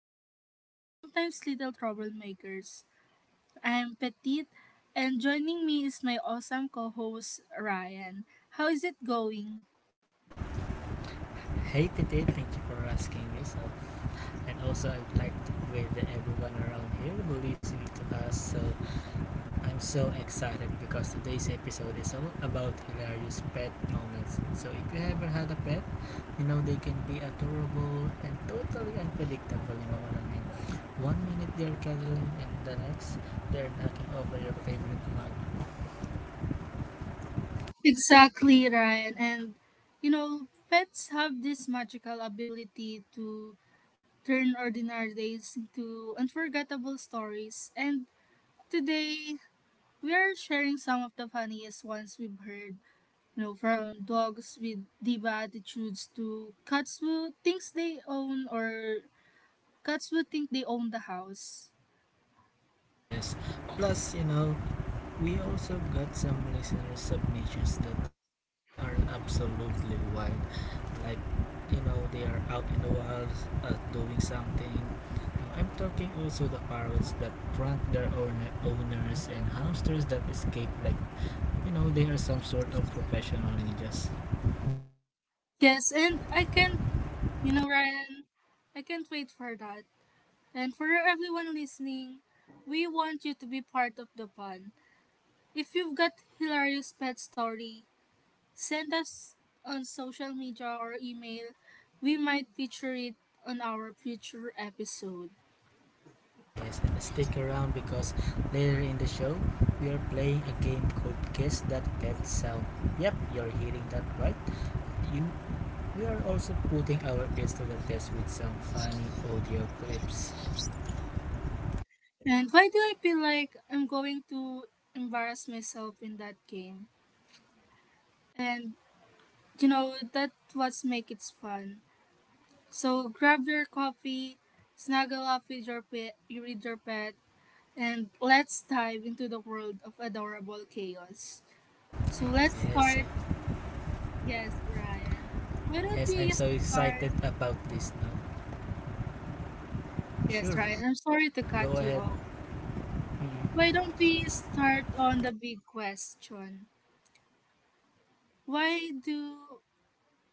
comedians, and sometimes little troublemakers. I'm Petite, and joining me is my awesome co host, Ryan. How is it going? Hey Titi, thank you for asking me. So, and also I'd like to with everyone around here who listening to us. So, I'm so excited because today's episode is all about hilarious pet moments. So, if you ever had a pet, you know they can be adorable and totally unpredictable. You know what I mean? One minute they're cuddling, and the next they're knocking over your favorite mug. Exactly, Ryan. And you know, pets have this magical ability to turn ordinary days into unforgettable stories. And today, we are sharing some of the funniest ones we've heard. You know, from dogs with diva attitudes to cats who think they own the house. Yes. Plus, we also got some listener submissions that are absolutely wild. Like, they are out in the wilds doing something. I'm talking also the parrots that prank their owners and hamsters that escape. Like, they are some sort of professional ninjas. Yes, and I can't, you know, Ryan, I can't wait for that. And for everyone listening, we want you to be part of the fun. If you've got hilarious pet story, send us on social media or email. We might feature it on our future episode. Yes, and stick around because later in the show, we are playing a game called Guess That Pet Sound. Yep, you're hearing that right. You We are also putting our ears to the test with some funny audio clips. And why do I feel like I'm going to embarrass myself in that game? And you know that what's make it fun. So grab your coffee, snuggle up with your pet, and let's dive into the world of adorable chaos. So let's Yes, start. Yes, Ryan. Why don't yes, we I'm so start? excited about this now. Yes, Sure, Ryan, I'm go sorry to ahead. cut you off. Mm. Why don't we start on the big question? Why do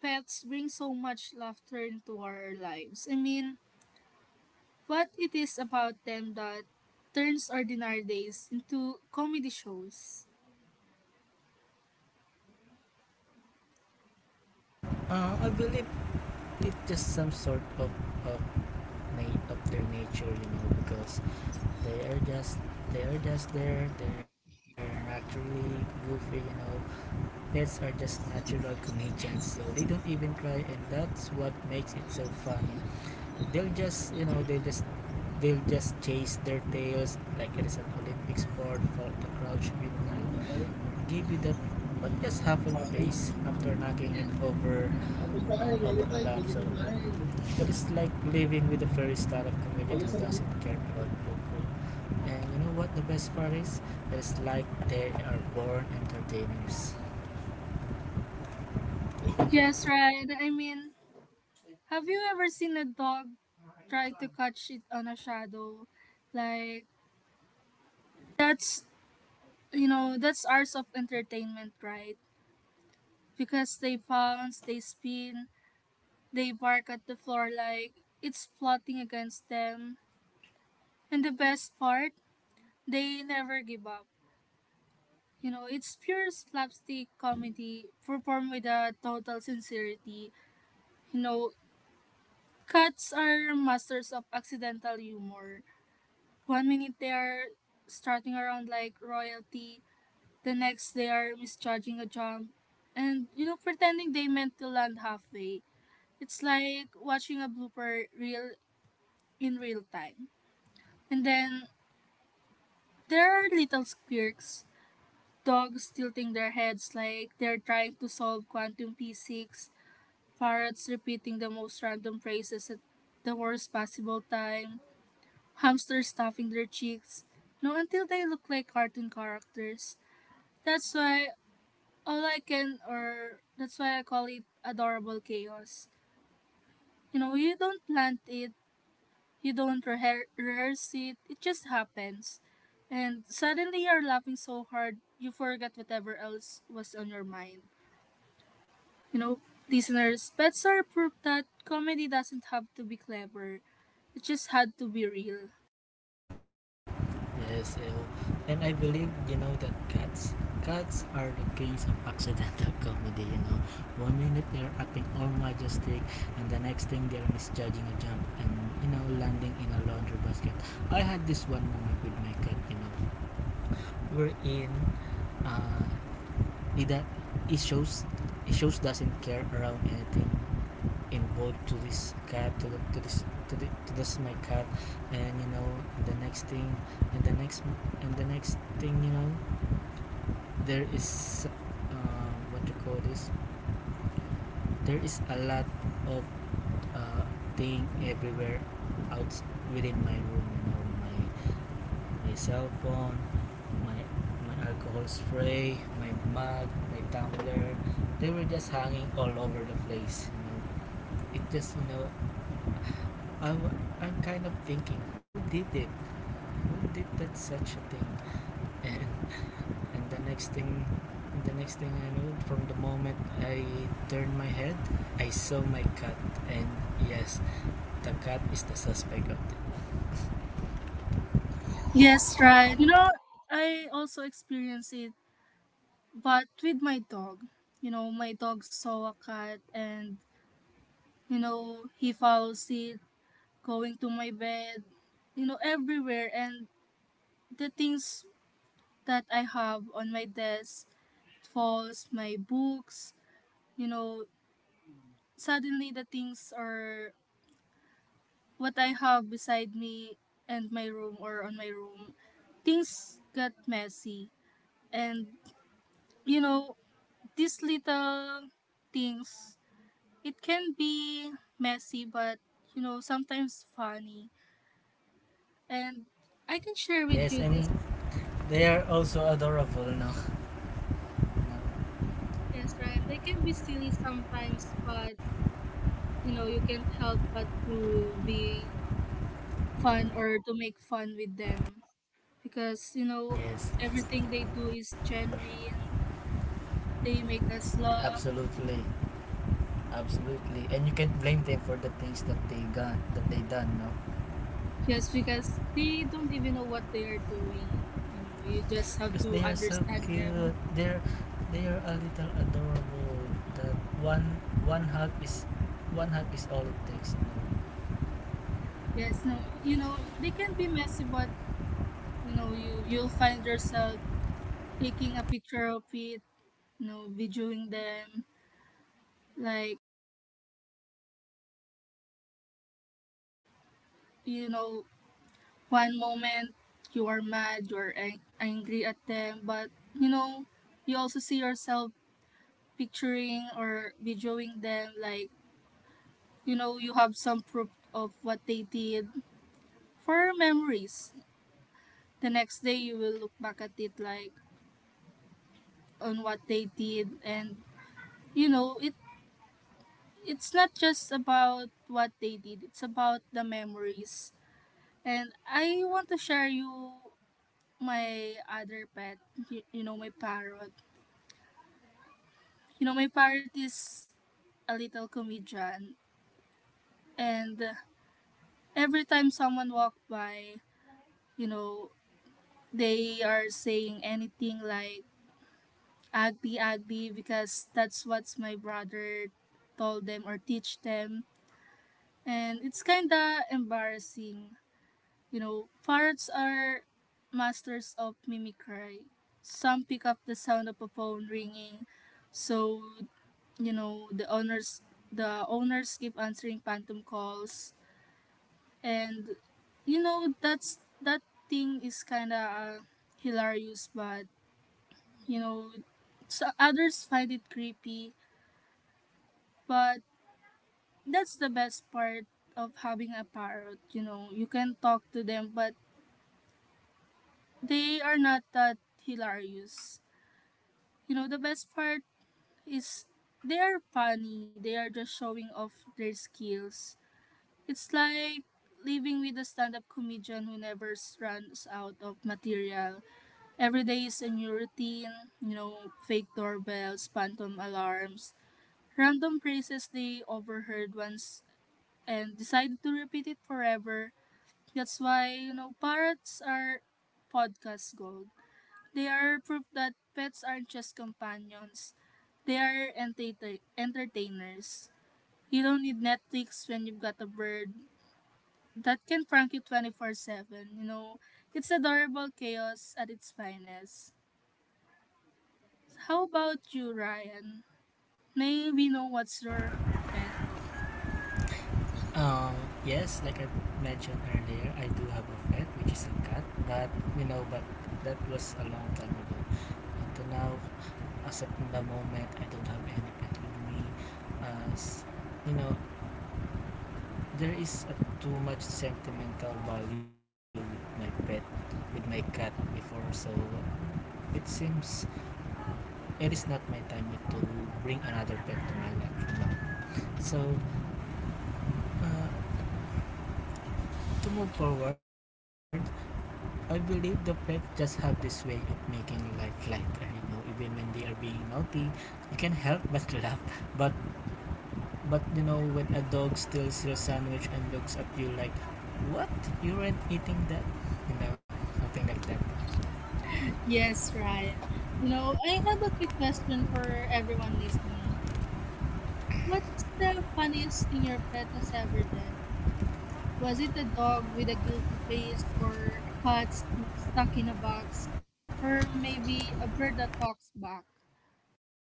pets bring so much laughter into our lives? I mean, what it is about them that turns ordinary days into comedy shows? I believe it's just some sort of of their nature, you know, because they are just they are just there. They're naturally goofy, you know. Pets are just natural comedians, so they don't even try, and that's what makes it so funny. They'll just they'll just chase their tails like it is an Olympic sport. Fall the crouch with not give you that, but just half a face after knocking it over, over a lamp. So it is like living with the furry style of comedian who doesn't care about local. And you know what the best part is? It is like they are born entertainers. Yes, right. I mean, have you ever seen a dog try to catch it on a shadow? Like that's you know that's ours of entertainment, right? Because they pounce, they spin, they bark at the floor like it's plotting against them. And the best part, they never give up. You know, it's pure slapstick comedy performed with a total sincerity. You know, cats are masters of accidental humor. One minute they are starting around like royalty, the next they are misjudging a jump, and you know, pretending they meant to land halfway. It's like watching a blooper reel in real time. And then there are little quirks: dogs tilting their heads like they're trying to solve quantum physics, parrots repeating the most random phrases at the worst possible time, hamsters stuffing their cheeks, no, until they look like cartoon characters. That's why all I can, or that's why I call it adorable chaos. You know, you don't plant it, you don't rehearse it, it just happens. And suddenly you're laughing so hard, you forget whatever else was on your mind. You know, listeners, pets are proof that comedy doesn't have to be clever, it just had to be real. Yes, ew. And I believe, you know, that cats are the kings of accidental comedy, you know. One minute they're acting all majestic, and the next thing they're misjudging a jump and, you know, landing in a laundry basket. I had this one moment with my cat, you know. We're in, uh, he, that, he shows, He shows doesn't care around anything involved to this cat to this my cat. And you know, the next thing and the next and the next thing you know, there is, what to call this there is a lot of, uh, thing everywhere out within my room. You know, my my cell phone, my my alcohol spray, my mug, my tumbler, they were just hanging all over the place. You know, it just, you know, I'm, I'm kind of thinking, who did it? Who did that such a thing? And and the next thing, and the next thing I knew, from the moment I turned my head, I saw my cat. And yes, the cat is the suspect of it. Yes, right. You know, I also experienced it, but with my dog. You know, my dog saw a cat and you know, he follows it, going to my bed, you know, everywhere. And the things that I have on my desk falls, my books, you know, suddenly the things are what I have beside me and my room or on my room. Things got messy. And, you know, these little things, it can be messy, but, you know, sometimes funny. And I can share Yes, with you and this. they are also adorable now. Yes, right. They can be silly sometimes, but you know, you can't help but to be fun or to make fun with them because you know, Yes, everything they do is genuine. They make us laugh. absolutely, absolutely. And you can't blame them for the things that that they done. No, Yes, because they don't even know what they are doing. You know, you just because have they are to so cute. understand them. They are a little adorable. That one one hug is One hug is all it takes. You know? Yes, no, you know, they can be messy, but you know, you'll find yourself taking a picture of it, you know, videoing them, like you know. One moment you are mad, you are angry at them, but you know, you also see yourself picturing or videoing them like, you know, you have some proof of what they did for memories. The next day you will look back at it like on what they did and you know, it's not just about what they did, it's about the memories. And I want to share you my other pet, you know, my parrot. You know, my parrot is a little comedian, and every time someone walk by, you know, they are saying anything like "agdi agdi" because that's what my brother told them or teach them, and it's kinda embarrassing. You know, parrots are masters of mimicry. Some pick up the sound of a phone ringing, so you know the owners keep answering phantom calls, and you know that thing is kind of hilarious, but you know so others find it creepy. But that's the best part of having a parrot, you know you can talk to them, but they are not that hilarious. You know the best part is they are funny, they are just showing off their skills. It's like living with a stand-up comedian who never runs out of material. Every day is a new routine, you know, fake doorbells, phantom alarms, random phrases they overheard once and decided to repeat it forever. That's why, you know, parrots are podcast gold. They are proof that pets aren't just companions, they are entertainers. You don't need Netflix when you've got a bird that can prank you 24/7. You know, it's adorable chaos at its finest. How about you, Ryan? May we know what's your pet? Um, yes, like I mentioned earlier, I do have a pet which is a cat, but you know, but that was a long time ago. Until now, as of the moment, I don't have any pet with me. As you know, there is a too much sentimental value with my pet, with my cat before, so it seems it is not my time yet to bring another pet to my life. So, uh, to move forward, I believe the pet just have this way of making life lighter. You know, even when they are being naughty, you can help but laugh. But but you know, when a dog steals your sandwich and looks at you like, "What? You weren't eating that?" You know, something like that. Yes, Ryan. You know, I have a quick question for everyone listening. What's the funniest thing your pet has ever done? Was it a dog with a guilty face, or a cat stuck in a box, or maybe a bird that talks back?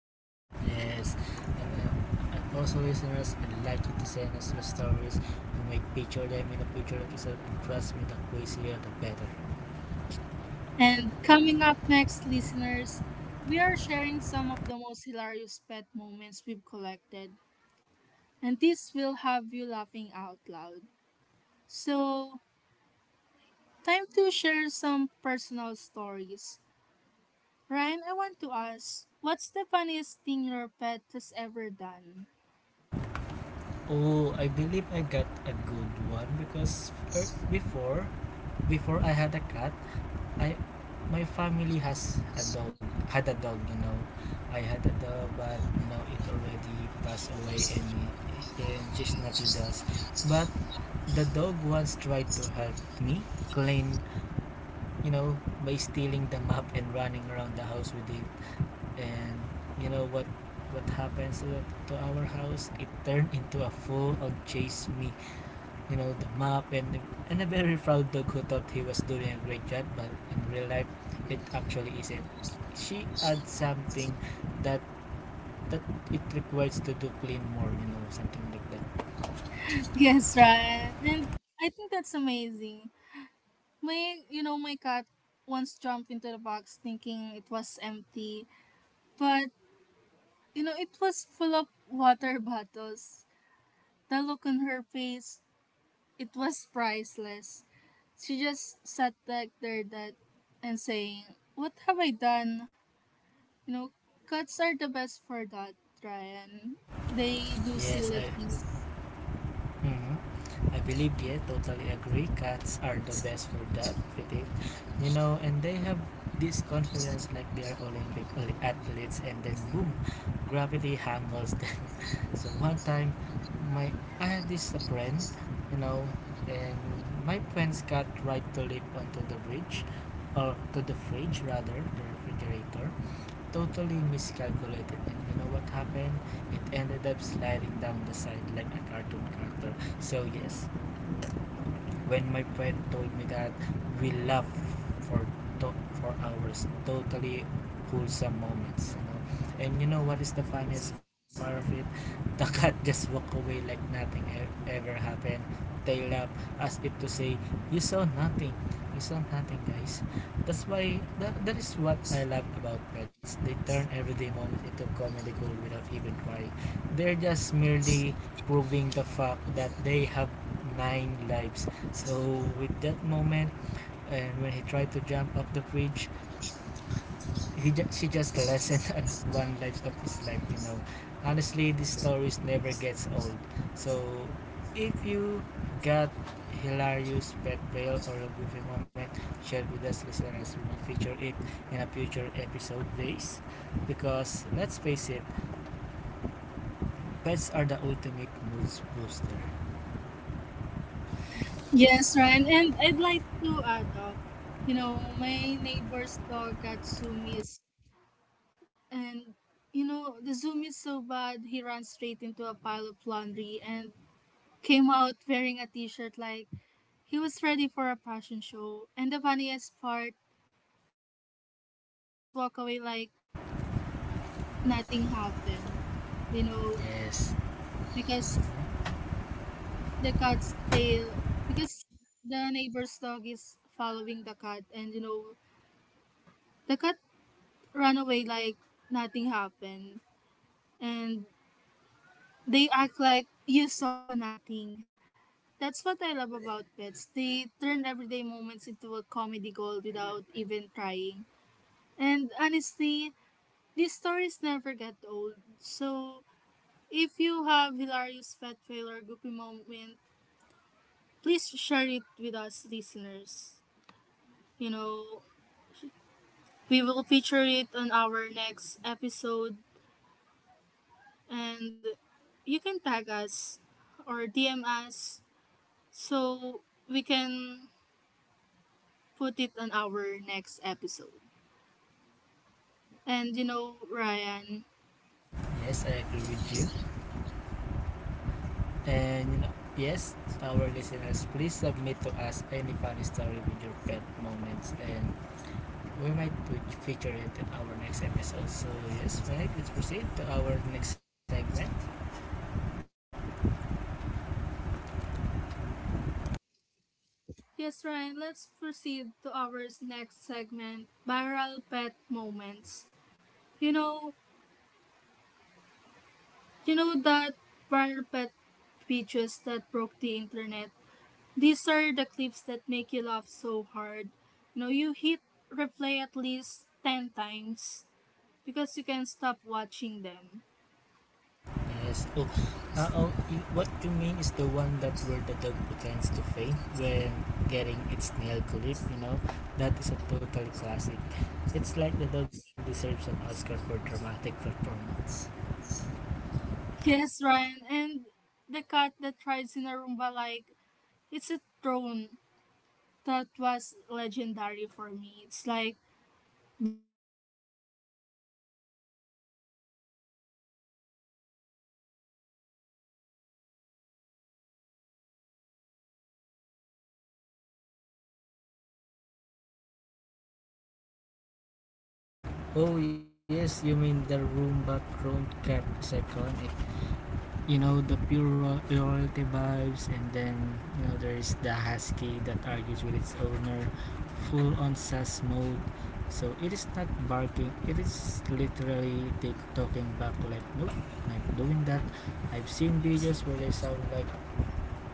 Yes, and, also listeners I would like you to send us your stories. We might feature them in a future episode. And trust me, the crazier the better. And coming up next, listeners, we are sharing some of the most hilarious pet moments we've collected, and this will have you laughing out loud. So time to share some personal stories. Ryan, I want to ask, what's the funniest thing your pet has ever done? Oh, I believe I got a good one because before I had a cat, I my family has a dog had a dog. You know, I had a dog, but you know it already passed away and she's not with us. But the dog once tried to help me clean, you know, by stealing the map and running around the house with it. And you know what happens to our house? It turned into a full on chase me. You know, the map and a very proud dog who thought he was doing a great job, but in real life, it actually isn't. She adds something that that it requires to do clean more. You know, something like that. Yes, Ryan. And I think that's amazing. You know, my cat once jumped into the box thinking it was empty, but you know, it was full of water bottles. The look on her face, it was priceless. She just sat back there that and saying, "What have I done?" You know, cats are the best for that, Ryan. They do Yes, silly I things. Mhm. I believe, yeah, totally agree. Cats are the best for that. They, you know, and they have this confidence like they are Olympic athletes, and then boom, gravity handles them. So one time, my I had this friend, you know, and my friend's cat tried to leap onto the bridge, or to the fridge rather, the refrigerator, totally miscalculated. And you know what happened? It ended up sliding down the side like a cartoon character. So yes, when my friend told me that, we laughed for for hours, totally wholesome moments, you know. And you know what is the funniest part of it? The cat just walked away like nothing ever happened. Tail up, as if to say, "You saw nothing. You saw nothing, guys." That's why that is what I love about pets. They turn everyday moments into comedy gold without even trying. They're just merely proving the fact that they have nine lives. So with that moment, and when he tried to jump up the bridge, she just lessened at one life of his life. You know, honestly, these stories never gets old. So if you got hilarious pet fail or a goofy moment, share with us listeners. We will feature it in a future episode days. Because let's face it, pets are the ultimate mood booster. Yes, Ryan, and I'd like to add up. You know, my neighbor's dog got zoomies, and you know the zoom is so bad he ran straight into a pile of laundry and came out wearing a t-shirt like he was ready for a fashion show. And the funniest part, the cat just walked away like nothing happened. You know, Yes. because the cat's tail because the neighbor's dog is following the cat and you know the cat ran away like nothing happened, and they act like you saw nothing. That's what I love about pets, they turn everyday moments into a comedy gold without even trying. And honestly, these stories never get old. So if you have hilarious pet fail or goofy moment, please share it with us, listeners. You know, we will feature it on our next episode, and you can tag us or DM us so we can put it on our next episode. And you know, Ryan. Yes, I agree with you. And yes, our listeners, please submit to us any funny story with your pet moments, and we might feature it in our next episode. So yes, Mike, let's proceed to our next segment. Yes, Ryan, let's proceed to our next segment, viral pet moments. You know, you know that viral pet pictures that broke the internet. These are the clips that make you laugh so hard. You know, you hit replay at least 10 times because you can't stop watching them. Yes. Oh, oh what you mean is the one that where the dog pretends to faint when getting its nail clip. You know, that is a total classic. It's like the dog deserves an Oscar for dramatic performance. Yes, Ryan, and the cat that rides in a Roomba like it's a throne, that was legendary for me. It's like, bow down, peasants. I am the ruler of this living room. And I saw a husky that argues with its owner, Oh full in yes, you mean sass the mode. room background cat It's not is iconic. working. You know, the pure royalty vibes. And then you know there is the husky that argues with its owner, full on sass mode. So it is not barking, it is literally take talking back like nope, I'm not doing that. I've seen videos where they sound like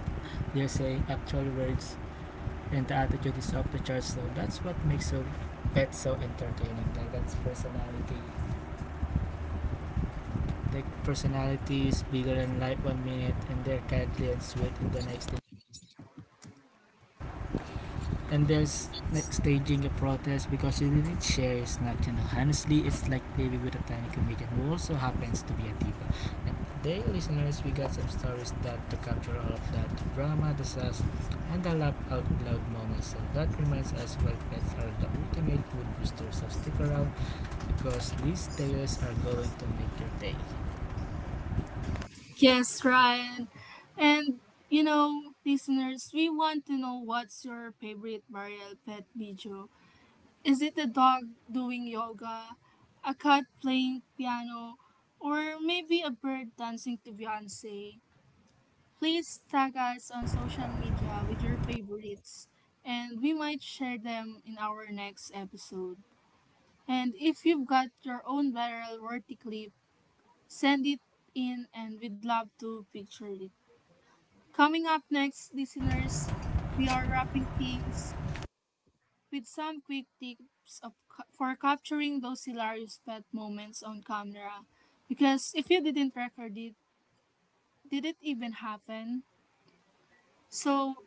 they're saying actual words, and the attitude is off the charts. So that's what makes a pet so entertaining, like that's personality. Their personality is bigger than life one minute, and they're cuddly and sweet in the next thing. And there's like staging a protest because you didn't share is not, you know. Honestly, it's like living with a tiny comedian who also happens to be a diva. And today listeners, we got some stories that to capture all of that, the drama, the sass, and the laugh out loud moments. So that reminds us why pets are the ultimate food booster. So stick around because these tales are going to make your day. Yes, Ryan. And you know, listeners, we want to know what's your favorite burial pet video. Is it a dog doing yoga, a cat playing piano, or maybe a bird dancing to Beyonce? Please tag us on social media with your favorites, and we might share them in our next episode. And if you've got your own viral worthy clip, send it in and we'd love to picture it. Coming up next, listeners, we are wrapping things with some quick tips for capturing those hilarious pet moments on camera. Because if you didn't record it, did it even happen? So,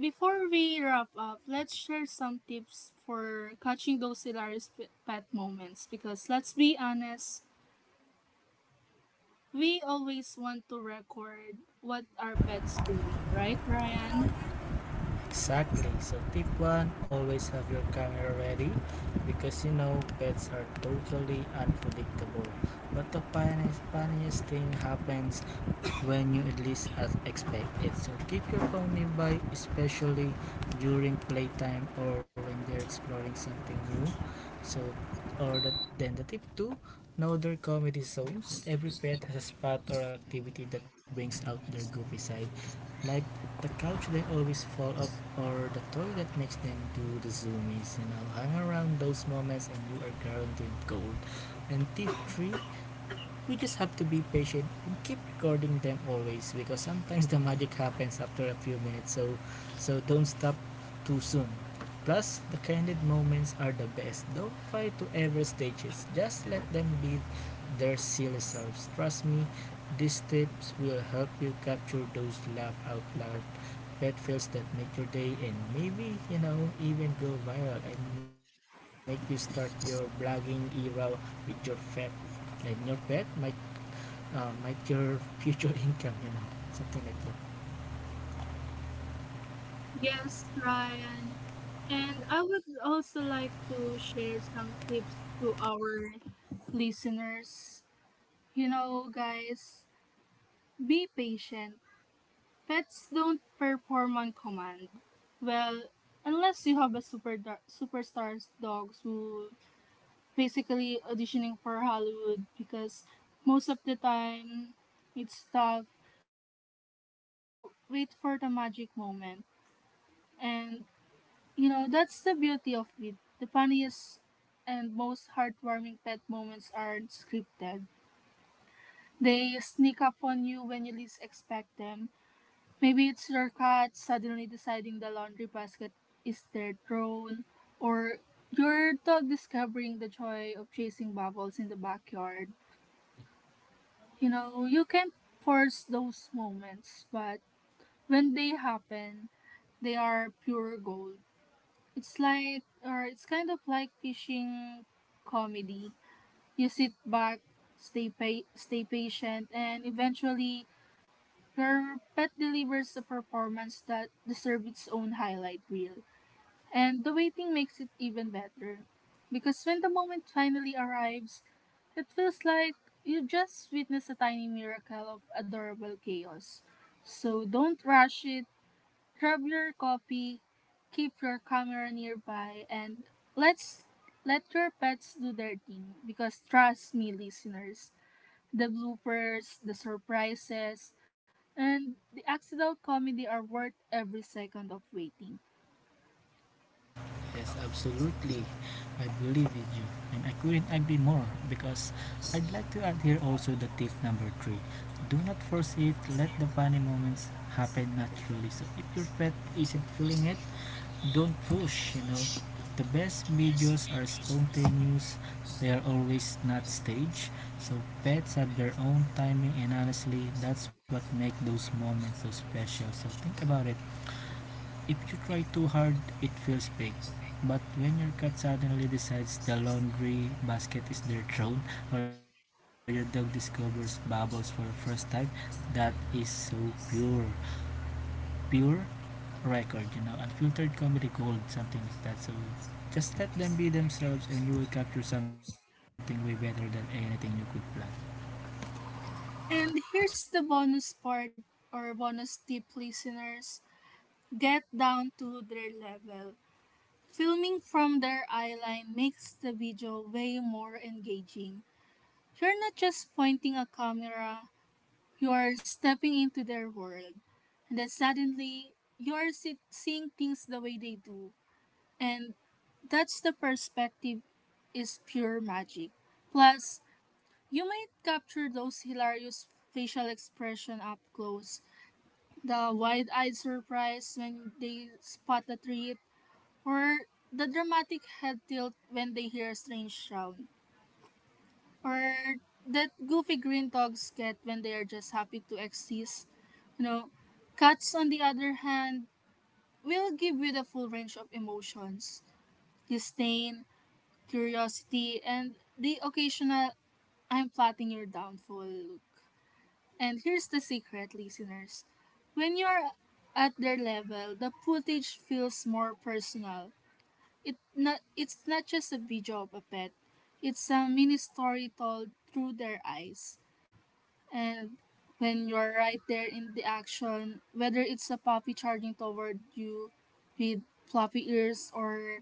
before we wrap up, let's share some tips for catching those hilarious pet moments. Because let's be honest, we always want to record what our pets doing, right, Ryan? Exactly. So tip one, always have your camera ready because you know pets are totally unpredictable. But the funniest thing happens when you at least as expect it. So keep your phone nearby, especially during playtime or when they're exploring something new. So or the, then the tip two, know their comedy zones. Every pet has a spot or activity that brings out their goofy side. Like the couch they always fall off, or the toy that makes them do the zoomies, and I'll hang around those moments and you are guaranteed gold. And tip three, we just have to be patient and keep recording them always because sometimes the magic happens after a few minutes. So don't stop too soon. Plus, the candid moments are the best. Don't try to ever stage it. Just let them be their silly selves. Trust me, these tips will help you capture those laugh out loud pet fails that make your day and maybe, you know, even go viral and make you start your blogging era with your pet. And your pet might your future income, you know, something like that. Yes, Ryan. And I would also like to share some tips to our listeners. You know, guys, be patient. Pets don't perform on command. Well, unless you have a superstars dogs who basically auditioning for Hollywood, because most of the time it's tough. You just have to wait for the magic moment. And, you know, that's the beauty of it. The funniest and most heartwarming pet moments aren't scripted. They sneak up on you when you least expect them. Maybe it's your cat suddenly deciding the laundry basket is their throne, or your dog discovering the joy of chasing bubbles in the backyard. You know, you can't force those moments, but when they happen, they are pure gold. It's kind of like fishing comedy. You sit back, stay patient, and eventually your pet delivers a performance that deserves its own highlight reel. And the waiting makes it even better. Because when the moment finally arrives, it feels like you just witnessed a tiny miracle of adorable chaos. So don't rush it. Grab your coffee, keep your camera nearby, and let's let your pets do their thing. Because trust me, listeners, the bloopers, the surprises, and the accidental comedy are worth every second of waiting. Yes, absolutely. I believe in you. And I couldn't agree more because I'd like to add here also the tip number three. Do not force it, let the funny moments happen naturally. So if your pet isn't feeling it, don't push, you know. The best videos are spontaneous, they are always not staged. So pets have their own timing and honestly that's what makes those moments so special. So think about it. If you try too hard, it feels fake. But when your cat suddenly decides the laundry basket is their throne, or your dog discovers bubbles for the first time, that is so pure. Pure record, you know, unfiltered comedy gold, something like that. So just let them be themselves and you will capture something way better than anything you could plan. And here's the bonus part, or bonus tip, listeners, get down to their level. Filming from their eye line makes the video way more engaging. You're not just pointing a camera, you're stepping into their world, and then suddenly seeing things the way they do. And that's the perspective is pure magic. Plus, you might capture those hilarious facial expression up close, the wide-eyed surprise when they spot a treat, or the dramatic head tilt when they hear a strange sound, or that goofy green dogs get when they are just happy to exist. You know, cats, on the other hand, will give you the full range of emotions: disdain, curiosity, and the occasional I'm plotting your downfall look. And here's the secret, listeners, when you're at their level, the footage feels more personal. It's not just a video of a pet. It's a mini story told through their eyes. And when you're right there in the action, whether it's a puppy charging toward you with floppy ears, or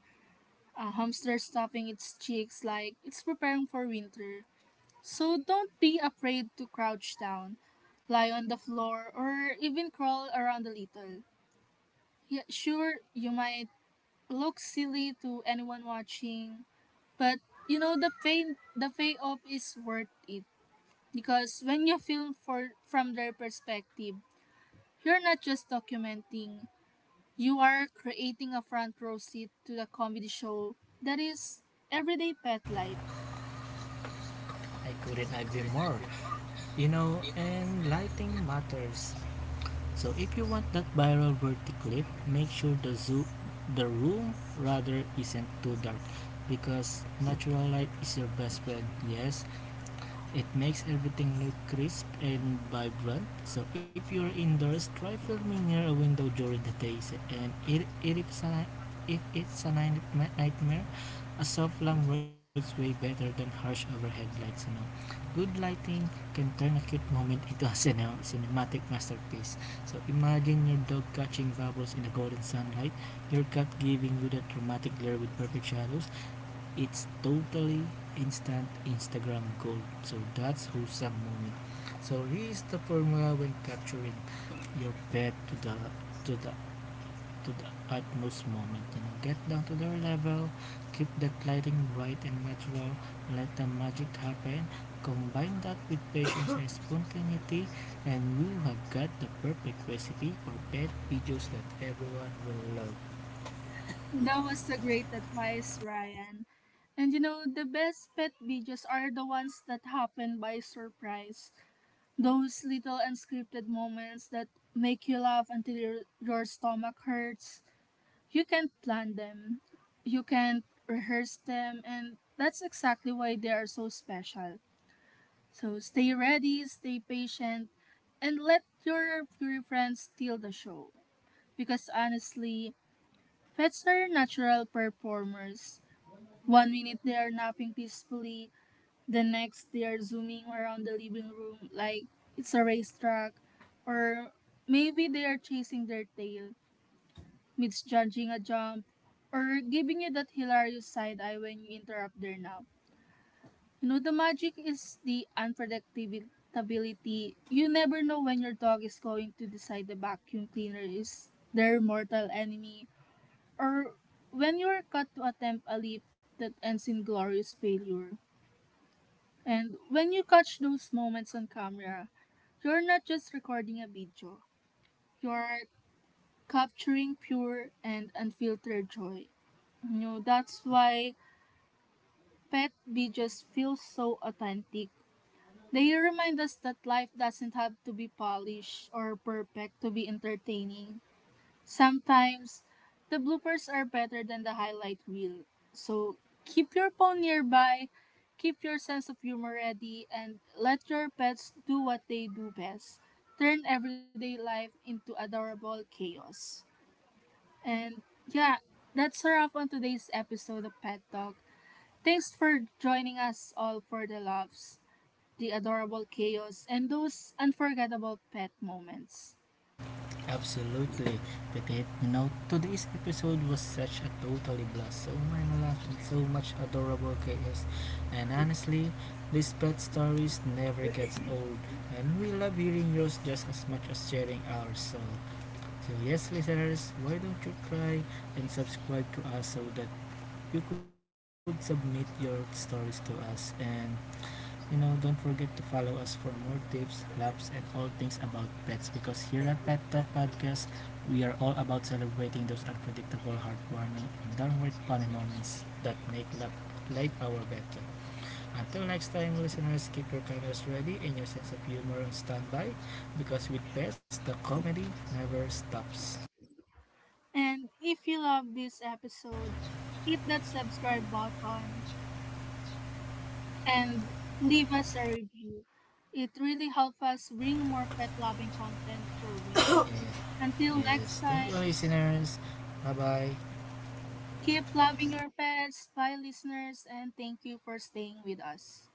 a hamster stuffing its cheeks like it's preparing for winter. So don't be afraid to crouch down, lie on the floor, or even crawl around a little. Yeah, sure, you might look silly to anyone watching, but you know the payoff is worth it, because when you film for from their perspective, you're not just documenting, you are creating a front row seat to the comedy show that is everyday pet life. I couldn't agree more. You know, and lighting matters. So if you want that viral worthy, make sure the room rather isn't too dark because natural light is your best friend. Yes, it makes everything look crisp and vibrant. So if you're indoors, try filming near a window during the day. And if, it's a, if it's a nightmare, a soft lamp works way better than harsh overhead lights. You know, good lighting can turn a cute moment into a cinematic masterpiece. So imagine your dog catching bubbles in the golden sunlight, your cat giving you that dramatic glare with perfect shadows, it's totally instant Instagram gold. So that's wholesome moment. So here is the formula when capturing your pet to the to the utmost moment. You know, get down to their level, keep that lighting bright and natural, let the magic happen, combine that with patience and spontaneity, and you have got the perfect recipe for pet videos that everyone will love. That was a great advice, Ryan. And you know, the best pet videos are the ones that happen by surprise. Those little unscripted moments that make you laugh until your stomach hurts. You can't plan them, you can't rehearse them, and that's exactly why they are so special. So stay ready, stay patient, and let your furry friends steal the show. Because honestly, pets are natural performers. One minute they are napping peacefully, the next they are zooming around the living room like it's a racetrack, or maybe they are chasing their tail, misjudging a jump, or giving you that hilarious side eye when you interrupt their nap. You know, the magic is the unpredictability. You never know when your dog is going to decide the vacuum cleaner is their mortal enemy, or when you are cut to attempt a leap that ends in glorious failure. And when you catch those moments on camera, you're not just recording a video, you're capturing pure and unfiltered joy. You know, that's why pet videos feel so authentic. They remind us that life doesn't have to be polished or perfect to be entertaining. Sometimes, the bloopers are better than the highlight reel. So, keep your phone nearby, keep your sense of humor ready, and let your pets do what they do best. Turn everyday life into adorable chaos. And yeah, that's a wrap on today's episode of Pet Talk. Thanks for joining us all for the loves, the adorable chaos, and those unforgettable pet moments. Absolutely, Petit. You know, today's episode was such a totally blast. So many laughs and so much adorable chaos. And honestly, these pet stories never gets old. And we love hearing yours just as much as sharing ours. So, so yes, listeners, why don't you try and subscribe to us so that you could submit your stories to us and you know, don't forget to follow us for more tips, laughs, and all things about pets because here at Pet Talk Podcast, we are all about celebrating those unpredictable, heartwarming, and downward funny moments that make life, our better. Until next time, listeners, keep your cameras ready and your sense of humor on standby because with pets, the comedy never stops. And if you love this episode, hit that subscribe button and leave us a review. It really helps us bring more pet loving content your way. Yeah. Until next Yes, thank time, you, listeners. Bye bye. keep loving your pets. Bye, listeners, and thank you for staying with us.